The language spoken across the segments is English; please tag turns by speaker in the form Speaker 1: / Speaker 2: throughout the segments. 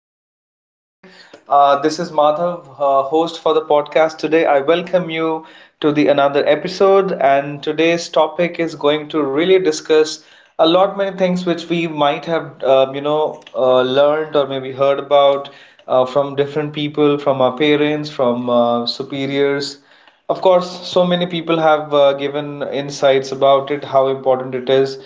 Speaker 1: is doing amazing. This is Madhav, host for the podcast today. I welcome you to the another episode, and today's topic is going to really discuss a lot many things which we might have learned or maybe heard about from different people, from our parents, from superiors, of course. So many people have given insights about it, how important it is.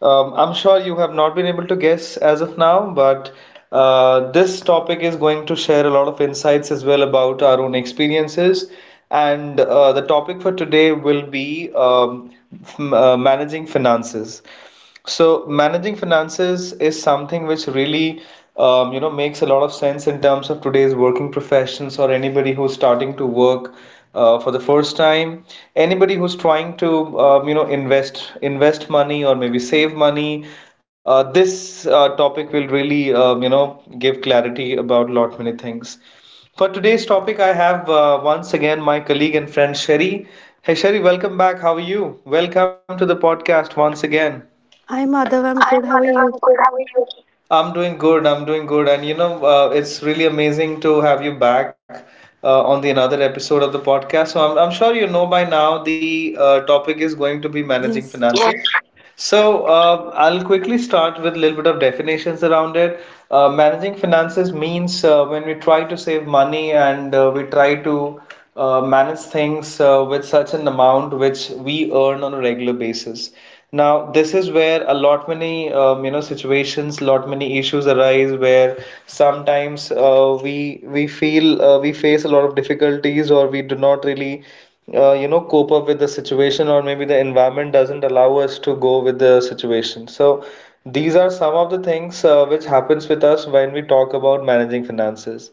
Speaker 1: I'm sure you have not been able to guess as of now, but this topic is going to share a lot of insights as well about our own experiences. And the topic for today will be managing finances. So managing finances is something which really makes a lot of sense in terms of today's working professions, or anybody who's starting to work for the first time, anybody who's trying to invest money or maybe save money. This topic will really give clarity about lot many things. For today's topic, I have once again my colleague and friend Sherry. Hey Sherry, welcome back. How are you? Welcome to the podcast once again.
Speaker 2: Hi,
Speaker 1: I'm
Speaker 2: Madhav.
Speaker 1: Adil.
Speaker 2: I'm
Speaker 1: I'm
Speaker 2: good. How
Speaker 1: good.
Speaker 2: are
Speaker 1: How are
Speaker 2: you?
Speaker 1: you? I'm doing good. I'm doing good. And you know, it's really amazing to have you back on the another episode of the podcast. So I'm sure you know by now the topic is going to be managing, yes,
Speaker 2: Yes.
Speaker 1: finances. So, I'll quickly start with a little bit of definitions around it. Managing finances means when we try to save money, and we try to manage things with such an amount which we earn on a regular basis. Now, this is where a lot many situations, lot many issues arise, where sometimes we feel we face a lot of difficulties, or we do not really cope up with the situation, or maybe the environment doesn't allow us to go with the situation. So these are some of the things which happens with us when we talk about managing finances.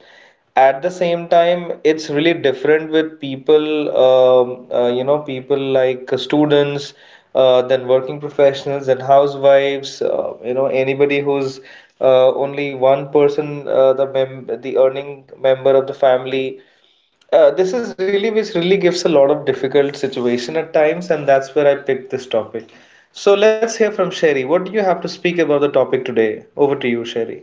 Speaker 1: At the same time, it's really different with people, people like students, then working professionals and housewives, anybody who's only one person, the earning member of the family. This is really which really gives a lot of difficult situation at times, and that's where I picked this topic. So let's hear from Sherry. What do you have to speak about the topic today? Over to you, Sherry.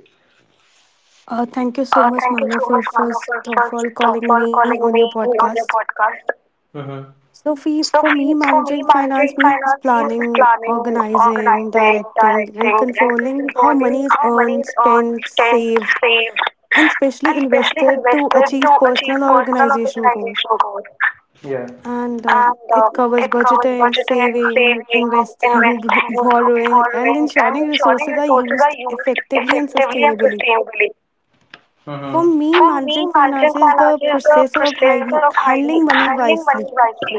Speaker 2: Thank you so
Speaker 1: Thank
Speaker 2: much,
Speaker 1: you so
Speaker 2: Mana,
Speaker 1: much,
Speaker 2: for
Speaker 1: Manu, for
Speaker 2: first
Speaker 1: first
Speaker 2: of all
Speaker 1: of all
Speaker 2: calling me
Speaker 1: calling
Speaker 2: on
Speaker 1: me
Speaker 2: your
Speaker 1: on your
Speaker 2: podcast.
Speaker 1: podcast. Mm-hmm.
Speaker 2: So, for,
Speaker 1: So
Speaker 2: for
Speaker 1: fe-
Speaker 2: me,
Speaker 1: for me,
Speaker 2: managing
Speaker 1: managing
Speaker 2: finance means
Speaker 1: finance means
Speaker 2: planning,
Speaker 1: planning,
Speaker 2: organizing,
Speaker 1: organizing,
Speaker 2: directing, and
Speaker 1: directing, and
Speaker 2: controlling how
Speaker 1: controlling
Speaker 2: money
Speaker 1: how
Speaker 2: is
Speaker 1: money is
Speaker 2: earned,
Speaker 1: earned,
Speaker 2: spent,
Speaker 1: spent,
Speaker 2: saved,
Speaker 1: saved,
Speaker 2: and
Speaker 1: and
Speaker 2: especially
Speaker 1: especially
Speaker 2: invested to
Speaker 1: invested to
Speaker 2: achieve
Speaker 1: achieve
Speaker 2: personal or
Speaker 1: personal or
Speaker 2: organization goals.
Speaker 1: organizational goals. Yeah.
Speaker 2: And
Speaker 1: And
Speaker 2: It
Speaker 1: It
Speaker 2: covers
Speaker 1: covers
Speaker 2: budgeting,
Speaker 1: budgeting,
Speaker 2: saving,
Speaker 1: saving,
Speaker 2: investing,
Speaker 1: investing,
Speaker 2: borrowing, and
Speaker 1: borrowing, and
Speaker 2: ensuring
Speaker 1: ensuring
Speaker 2: resources are
Speaker 1: resources are
Speaker 2: used
Speaker 1: used
Speaker 2: effectively and
Speaker 1: effectively and
Speaker 2: sustainably.
Speaker 1: sustainably. Mm-hmm.
Speaker 2: For me,
Speaker 1: For me,
Speaker 2: managing
Speaker 1: managing
Speaker 2: finance is the
Speaker 1: finances is the
Speaker 2: process of
Speaker 1: process of hiding-
Speaker 2: handling money
Speaker 1: handling money
Speaker 2: wisely.
Speaker 1: wisely.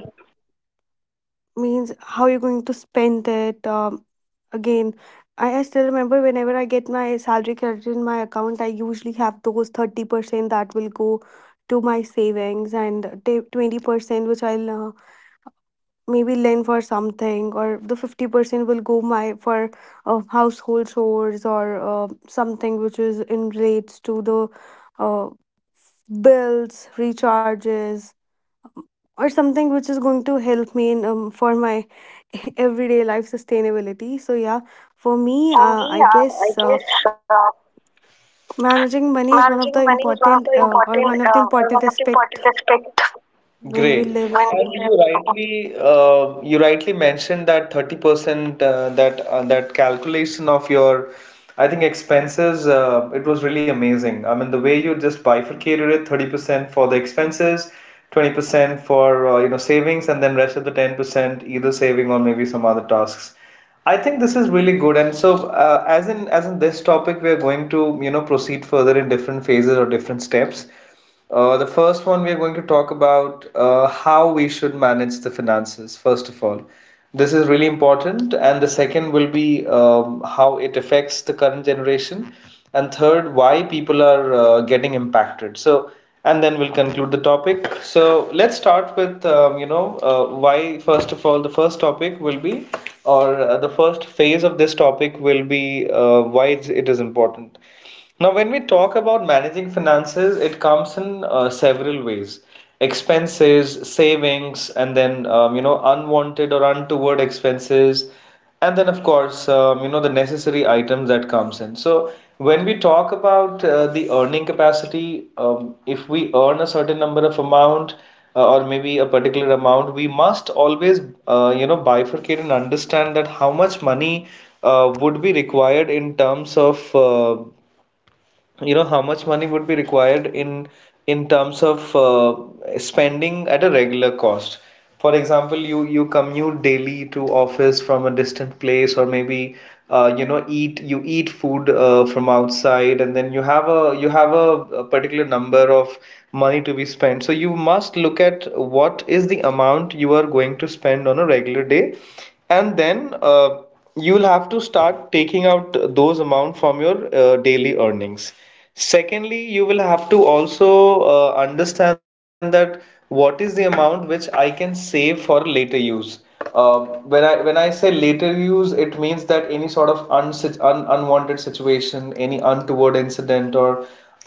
Speaker 2: Means how you're going to spend it. Again, I still remember whenever I get my salary credited in my account, I usually have those 30% that will go to my savings, and 20% which I'll maybe lend for something, or the 50% will go my for household chores, or something which is in relates to the uh, bills, recharges, or something which is going to help me in for my everyday life sustainability. So yeah, for
Speaker 1: Yeah,
Speaker 2: me,
Speaker 1: for me, I guess
Speaker 2: managing money is one
Speaker 1: managing
Speaker 2: of the
Speaker 1: money is one of
Speaker 2: important
Speaker 1: the
Speaker 2: or
Speaker 1: important,
Speaker 2: one of the
Speaker 1: or
Speaker 2: important
Speaker 1: one of the
Speaker 2: aspect
Speaker 1: important aspects.
Speaker 2: when we
Speaker 1: Great.
Speaker 2: live.
Speaker 1: And you rightly mentioned that 30%, that calculation of your, I think, expenses, it was really amazing. I mean, the way you just bifurcated it: 30% for the expenses, 20% for savings, and then rest of the 10% either saving or maybe some other tasks. I think this is really good. And so, as in this topic, we are going to you know proceed further in different phases or different steps. The first one we are going to talk about how we should manage the finances, first of all. This is really important. And the second will be, how it affects the current generation. And third, why people are getting impacted. So, and then we'll conclude the topic. So, let's start with, why. First of all, the first topic will be, or the first phase of this topic will be it is important. Now, when we talk about managing finances, it comes in several ways. Expenses, savings, and then unwanted or untoward expenses, and then of course the necessary items that comes in. So when we talk about the earning capacity, if we earn a certain number of amount or maybe a particular amount, we must always bifurcate and understand that how much money would be required in terms of how much money would be required in terms of spending at a regular cost. For example, you commute daily to office from a distant place, or maybe you eat food from outside, and then you have a particular number of money to be spent. So you must look at what is the amount you are going to spend on a regular day, and then you'll have to start taking out those amount from your daily earnings. Secondly, you will have to also understand that what is the amount which I can save for later use. Um when I say later use, it means that any sort of unwanted situation, any untoward incident, or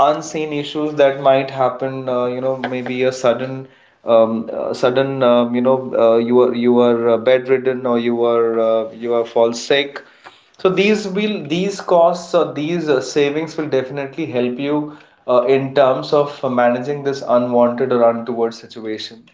Speaker 1: unseen issues that might happen, maybe a sudden, you are bedridden, or you are fall sick. So these will, these costs or these savings will definitely help you in terms of managing this unwanted or untoward situation.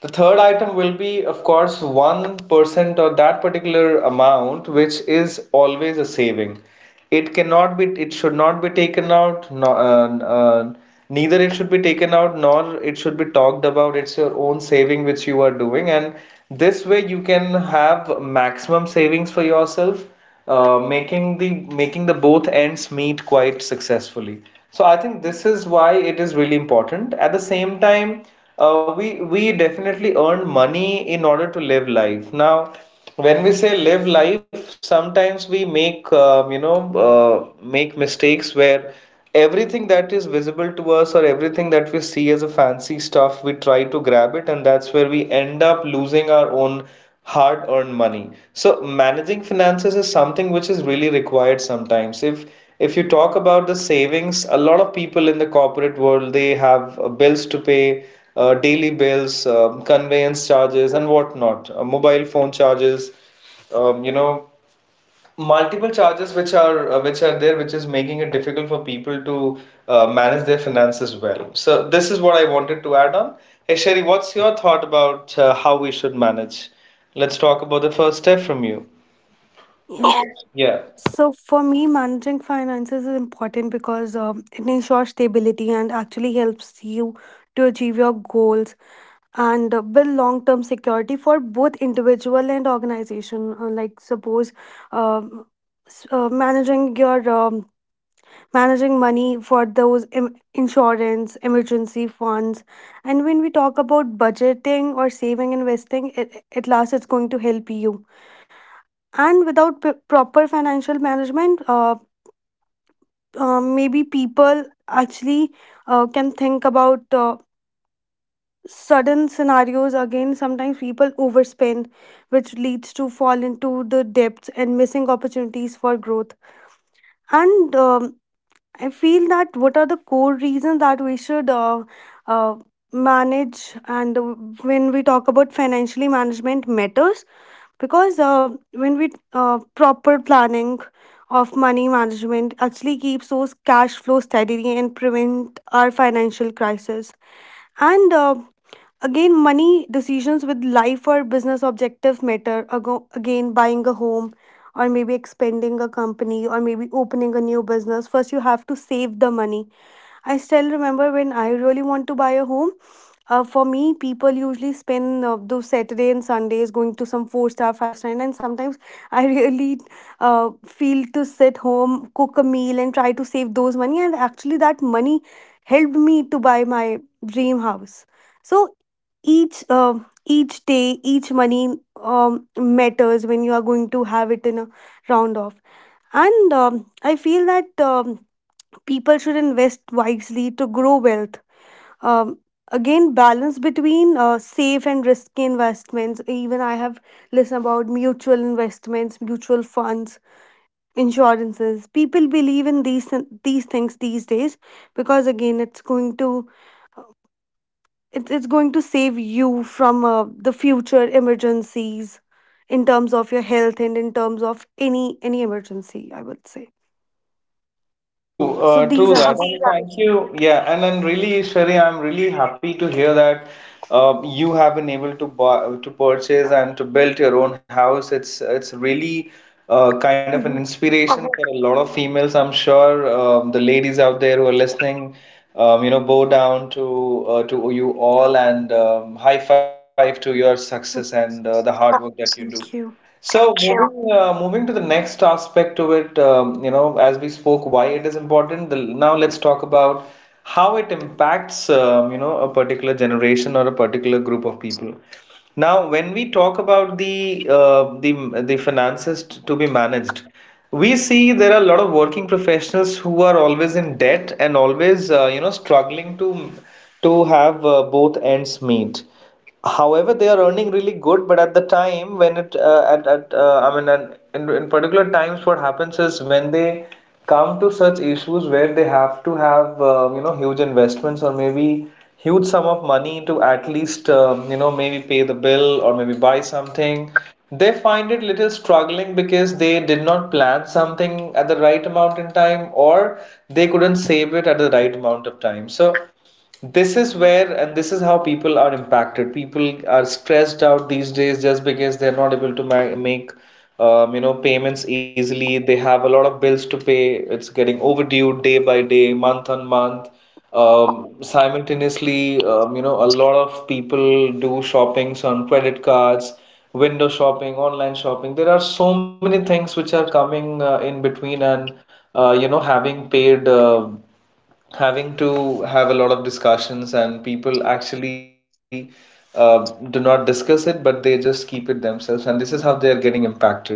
Speaker 1: The third item will be, of course, 1% or that particular amount, which is always a saving. It cannot be, it should not be taken out. No, Neither it should be taken out, nor it should be talked about. It's your own saving which you are doing, and this way you can have maximum savings for yourself, uh, making the making the both ends meet quite successfully. So I think this is why it is really important. At the same time, we definitely earn money in order to live life. Now, when we say live life, sometimes we make make mistakes where everything that is visible to us, or everything that we see as a fancy stuff, we try to grab it, and that's where we end up losing our own hard-earned money. So managing finances is something which is really required sometimes. If you talk about the savings, a lot of people in the corporate world, they have bills to pay, daily bills, conveyance charges, and whatnot, mobile phone charges, um, you know, multiple charges which are there, which is making it difficult for people to manage their finances well. So this is what I wanted to add on. Hey Sherry, what's your thought about how we should manage? Let's talk about the first step from you. Yeah.
Speaker 2: Yes.
Speaker 1: Yeah.
Speaker 2: So for me, managing finances is important because it ensures stability and actually helps you to achieve your goals and build long term security for both individual and organization. Like suppose um, s- uh, managing your um, managing money for those insurance emergency funds. And when we talk about budgeting or saving investing it, at last it's going to help you. And without proper financial management, maybe people actually can think about sudden scenarios. Again, sometimes people overspend, which leads to fall into the depths and missing opportunities for growth. And I feel that what are the core reasons that we should uh, manage. And When we talk about financially management matters, because when we proper planning of money management actually keeps those cash flow steady and prevent our financial crisis. And Again, money decisions with life or business objectives matter. Again, buying a home or maybe expanding a company or maybe opening a new business. First, you have to save the money. I still remember when I really want to buy a home. For me, people usually spend those Saturday and Sundays going to some four star, five star, and sometimes I really feel to sit home, cook a meal, and try to save those money. And actually, that money helped me to buy my dream house. So each uh, each day, each money matters when you are going to have it in a round off. And um, i feel that people should invest wisely to grow wealth. um, Again, balance between safe and risky investments. Even I have listened about mutual investments, mutual funds, insurances. People believe in these things these days, because again, it's going to, it's going to save you from the future emergencies in terms of your health and in terms of any emergency, I would say.
Speaker 1: True,
Speaker 2: So these
Speaker 1: true
Speaker 2: are the.
Speaker 1: that.
Speaker 2: s-
Speaker 1: And thank you. Yeah, and then really, Ishwari, I'm really happy to hear that you have been able to buy, to purchase and to build your own house. It's really kind of an
Speaker 2: Mhm.
Speaker 1: inspiration for a lot of females. I'm sure the ladies out there who are listening, bow down to you all, and high five to your success and the hard work that you do.
Speaker 2: Thank you.
Speaker 1: So, sure, moving moving to the next aspect to it, as we spoke, why it is important. The, now let's talk about how it impacts, a particular generation or a particular group of people. Now, when we talk about the finances to be managed, we see there are a lot of working professionals who are always in debt and always, struggling to have both ends meet. However, they are earning really good, but at the time when it at I mean and in particular times what happens is when they come to such issues where they have to have huge investments, or maybe huge sum of money to at least maybe pay the bill or maybe buy something, they find it little struggling because they did not plan something at the right amount in time, or they couldn't save it at the right amount of time. So this is where, and this is how, people are impacted. People are stressed out these days just because they're not able to make payments easily. They have a lot of bills to pay, it's getting overdue day by day, month on month. Simultaneously, a lot of people do shoppings on credit cards, window shopping, online shopping. There are so many things which are coming in between, and having paid, having to have a lot of discussions, and people actually uh, do not discuss it, but they just keep it themselves, and this is how they are getting impacted.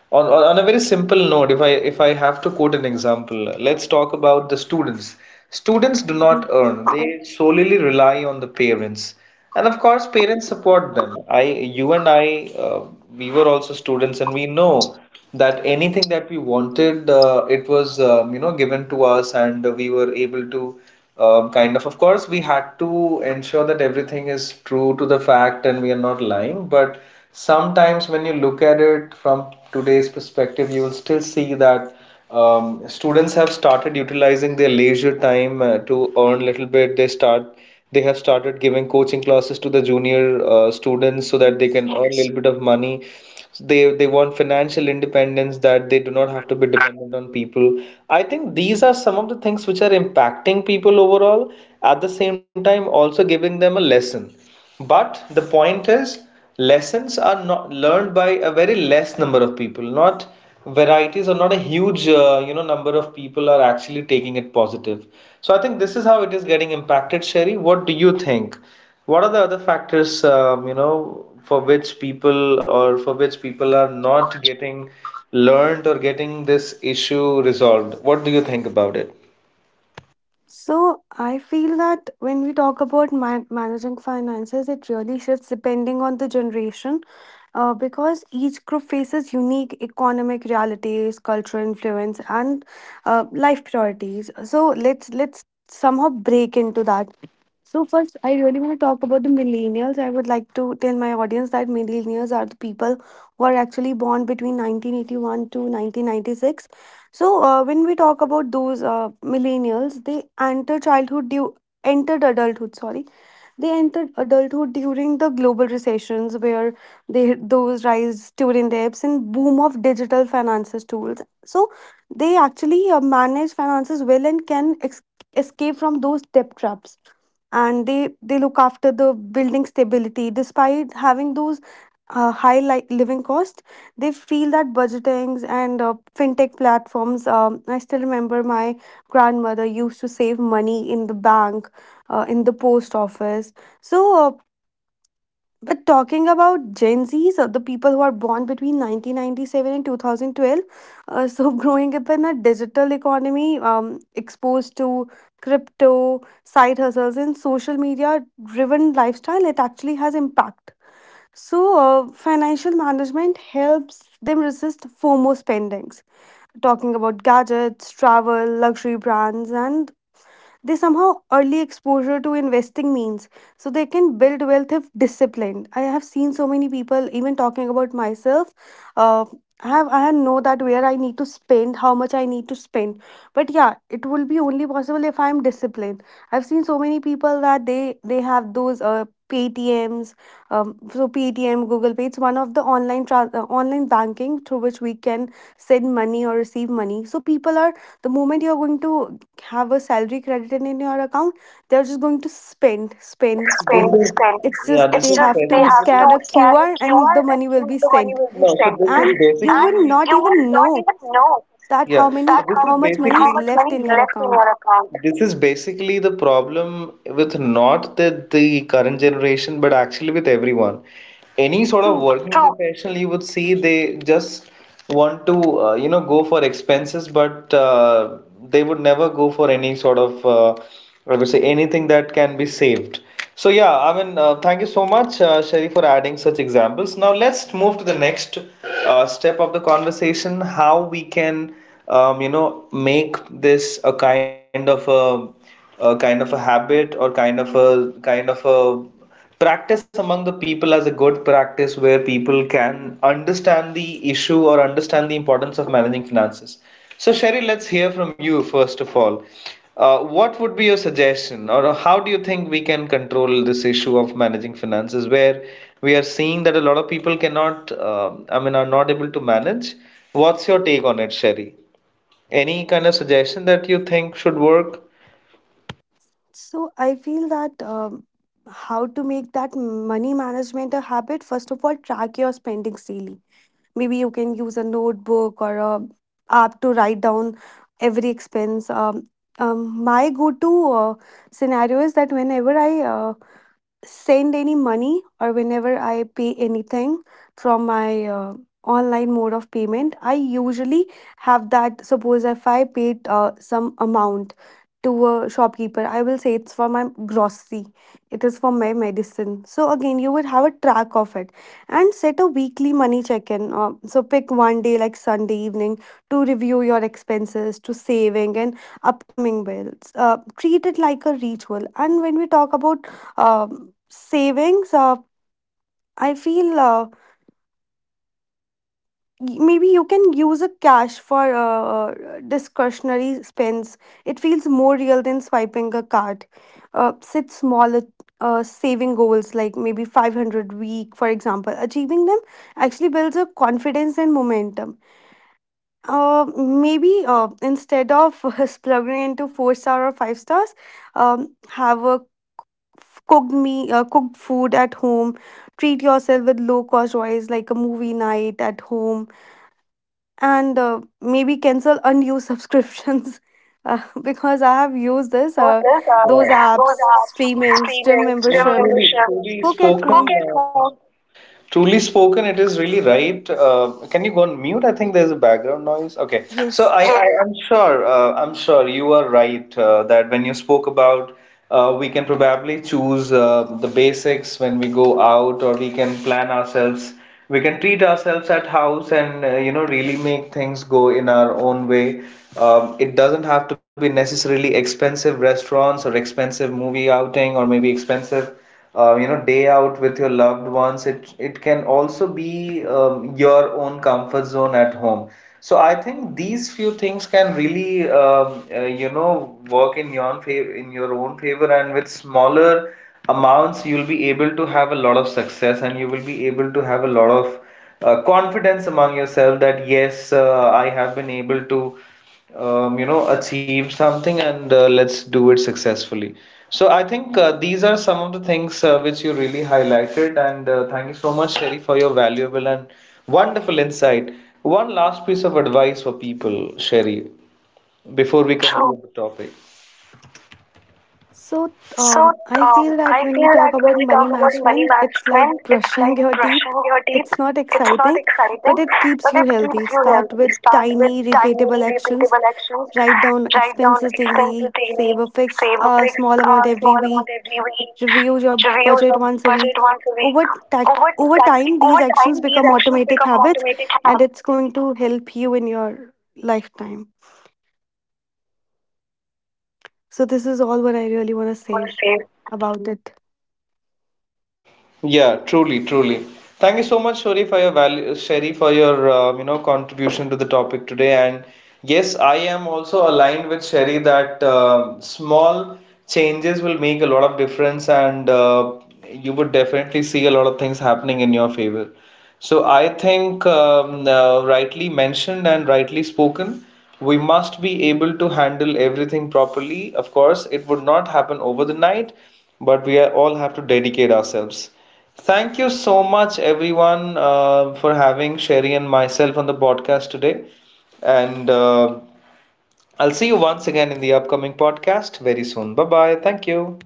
Speaker 1: On a very simple note, if I have to quote an example, let's talk about the students. Students do
Speaker 2: Mhm.
Speaker 1: not earn, they solely rely on the parents, and of course, parents support them. You and I, we were also students, and we know that anything that we wanted, it was, given to us, and we were able to kind of course, we had to ensure that everything is true to the fact and we are not lying, but sometimes when you look at it from today's perspective, you will still see that students have started utilizing their leisure time to earn a little bit. They have started giving coaching classes to the junior students so that they
Speaker 2: Yes.
Speaker 1: can earn a, Yes. little bit of money. They want financial independence, that they do not have to be dependent on people. I think these are some of the things which are impacting people overall, at the same time also giving them a lesson. But the point is, lessons are not learned by a very less number of people, not varieties or not a huge number of people are actually taking it positive. So I think this is how it is getting impacted, Sherry. What do you think? What are the other factors, for which people are not getting learned or getting this issue resolved? What do you think about it?
Speaker 2: So I feel that when we talk about managing finances, it really shifts depending on the generation, because each group faces unique economic realities, cultural influence, and life priorities. So let's somehow break into that. So first, I really want to talk about the millennials. I would like to tell my audience that millennials are the people who are actually born between 1981 to 1996. When we talk about those millennials, they enter childhood due entered adulthood. Sorry, they entered adulthood during the global recessions, where they those rise student debts and boom of digital finances tools. So they actually manage finances well and can escape from those debt traps. And they look after the building stability despite having those high like living cost. They feel that budgetings and fintech platforms. I still remember my grandmother used to save money in the bank, in the post office. so uh, but talking about gen z's, the people who are born between 1997 and 2012. Growing up in a digital economy, exposed to crypto, side hustles, and social media driven lifestyle, it actually has impact. So, financial management helps them resist FOMO spendings, talking about gadgets, travel, luxury brands, and they somehow early exposure to investing means so they can build wealth if disciplined. I have seen so many people, even talking about myself, uh, I know that where I need to spend, how much I need to spend. But yeah, it will be only possible if I am disciplined. I've seen so many people that they have those PTMs, so Paytm, Google Pay. It's one of the online online banking, through which we can send money or receive money. So people are, the moment you're going to have a salary credited in your account, they're just going to spend,
Speaker 1: Spend,
Speaker 2: spend,
Speaker 1: spend,
Speaker 2: spend.
Speaker 1: this is, spend.
Speaker 2: It's
Speaker 1: Yeah,
Speaker 2: just
Speaker 1: this It's
Speaker 2: they
Speaker 1: is just
Speaker 2: have
Speaker 1: they
Speaker 2: to
Speaker 1: have to,
Speaker 2: scan a
Speaker 1: basically, scan a
Speaker 2: QR and
Speaker 1: QR
Speaker 2: the
Speaker 1: and
Speaker 2: money will
Speaker 1: the
Speaker 2: be
Speaker 1: money will be,
Speaker 2: sent.
Speaker 1: no, so sent. This
Speaker 2: And
Speaker 1: is, and
Speaker 2: you will
Speaker 1: basically, you
Speaker 2: not
Speaker 1: will
Speaker 2: even
Speaker 1: not even
Speaker 2: know
Speaker 1: know.
Speaker 2: that
Speaker 1: Yeah, so
Speaker 2: how
Speaker 1: that,
Speaker 2: many,
Speaker 1: this how is
Speaker 2: how
Speaker 1: many, how,
Speaker 2: much money
Speaker 1: basically,
Speaker 2: is
Speaker 1: much money
Speaker 2: left
Speaker 1: is
Speaker 2: in your
Speaker 1: left in
Speaker 2: account.
Speaker 1: your account. This is basically the problem with not the, the current generation, but actually with everyone. Any sort of
Speaker 2: True.
Speaker 1: working, true, professional you would see, they just want to, go for expenses, but they would never go for any sort of, I would say, anything that can be saved. So yeah, I mean, thank you so much, Sherry, for adding such examples. Now let's move to the next step of the conversation: how we can, make this a kind of a, habit, or kind of a practice among the people as a good practice, where people can understand the issue or understand the importance of managing finances. So, Sherry, let's hear from you first of all. What would be your suggestion, or how do you think we can control this issue of managing finances, where we are seeing that a lot of people cannot, are not able to manage? What's your take on it, Sherry? Any kind of suggestion that you think should work?
Speaker 2: So I feel that how to make that money management a habit, first of all, track your spending daily. Maybe you can use a notebook or a app to write down every expense. My go-to scenario is that whenever I send any money or whenever I pay anything from my online mode of payment, I usually have that. Suppose if I paid some amount to a shopkeeper, I will say it's for my grocery, it is for my medicine. So, again, you would have a track of it, and set a weekly money check in. So, pick one day like Sunday evening to review your expenses, to saving, and upcoming bills. Treat it like a ritual. And when we talk about savings, I feel uh, maybe you can use a cash for discretionary spends. It feels more real than swiping a card. Set small saving goals like maybe 500 week, for example. Achieving them actually builds a confidence and momentum. Maybe Instead of plugging into four star or five stars, have a cooked food at home. Treat yourself with low cost joys, like a movie night at home, and maybe cancel unused subscriptions. Uh, because i have used this,
Speaker 1: Use this,
Speaker 2: those
Speaker 1: yeah, those
Speaker 2: apps,
Speaker 1: apps,
Speaker 2: streamings, gym
Speaker 1: streaming, no,
Speaker 2: membership.
Speaker 1: membership,
Speaker 2: Cook at
Speaker 1: spoken.
Speaker 2: home.
Speaker 1: Pocket, food. Truly spoken, it is really right. Can you go on mute? I think there's a background noise. Okay, so
Speaker 2: Yes.
Speaker 1: I'm sure, I'm sure you are right, that when you spoke about, we can probably choose the basics when we go out, or we can plan ourselves. We can treat ourselves at house and, really make things go in our own way. It doesn't have to be necessarily expensive restaurants or expensive movie outing, or maybe expensive day out with your loved ones. It can also be your own comfort zone at home. So I think these few things can really, work in your favor, in your own favor, and with smaller amounts you'll be able to have a lot of success, and you will be able to have a lot of confidence among yourself that, yes, I have been able to achieve something, and let's do it successfully. So I think these are some of the things which you really highlighted, and thank you so much, Sherry, for your valuable and wonderful insight. One last piece of advice for people, Sherry, before we, oh,
Speaker 2: True.
Speaker 1: conclude the topic.
Speaker 2: so
Speaker 1: So,
Speaker 2: um, i feel
Speaker 1: I
Speaker 2: that when we
Speaker 1: feel
Speaker 2: talk
Speaker 1: that when
Speaker 2: about
Speaker 1: we
Speaker 2: money
Speaker 1: talk about money
Speaker 2: management, it's like
Speaker 1: management, it's
Speaker 2: brushing
Speaker 1: like
Speaker 2: your teeth.
Speaker 1: brushing your teeth.
Speaker 2: It's not
Speaker 1: It's not
Speaker 2: exciting,
Speaker 1: exciting,
Speaker 2: but it keeps
Speaker 1: but
Speaker 2: you
Speaker 1: it keeps
Speaker 2: healthy.
Speaker 1: you
Speaker 2: Start
Speaker 1: healthy.
Speaker 2: with
Speaker 1: Start with
Speaker 2: tiny,
Speaker 1: tiny,
Speaker 2: repeatable actions.
Speaker 1: repeatable actions.
Speaker 2: Write down
Speaker 1: Write down
Speaker 2: expenses
Speaker 1: expenses
Speaker 2: daily,
Speaker 1: daily.
Speaker 2: save a fixed
Speaker 1: Save a fixed,
Speaker 2: small amount every
Speaker 1: small
Speaker 2: week,
Speaker 1: amount every week.
Speaker 2: review your
Speaker 1: Review
Speaker 2: budget
Speaker 1: your
Speaker 2: once a
Speaker 1: budget
Speaker 2: week.
Speaker 1: once a week. Over
Speaker 2: Over
Speaker 1: that,
Speaker 2: time, these
Speaker 1: over time,
Speaker 2: actions
Speaker 1: these
Speaker 2: become
Speaker 1: actions
Speaker 2: automatic
Speaker 1: become,
Speaker 2: habits, and it's going to help you in your lifetime. So, this
Speaker 1: yeah,
Speaker 2: is
Speaker 1: all
Speaker 2: all what I
Speaker 1: yeah,
Speaker 2: really
Speaker 1: organized. And
Speaker 2: want to
Speaker 1: you
Speaker 2: say
Speaker 1: will save.
Speaker 2: about it.
Speaker 1: Yeah, truly, truly. Thank you so much, Shori, for your value, Sherry, for your contribution to the topic today. And yes, I am also aligned with Sherry that, um, small changes will make a lot of difference, and you would definitely see a lot of things happening in your favor. So I think, rightly mentioned and rightly spoken. We must be able to handle everything properly. Of course, it would not happen over the night, but we are, all have to dedicate ourselves. Thank you so much, everyone, for having Sherry and myself on the podcast today. And I'll see you once again in the upcoming podcast very soon. Bye bye. Thank you.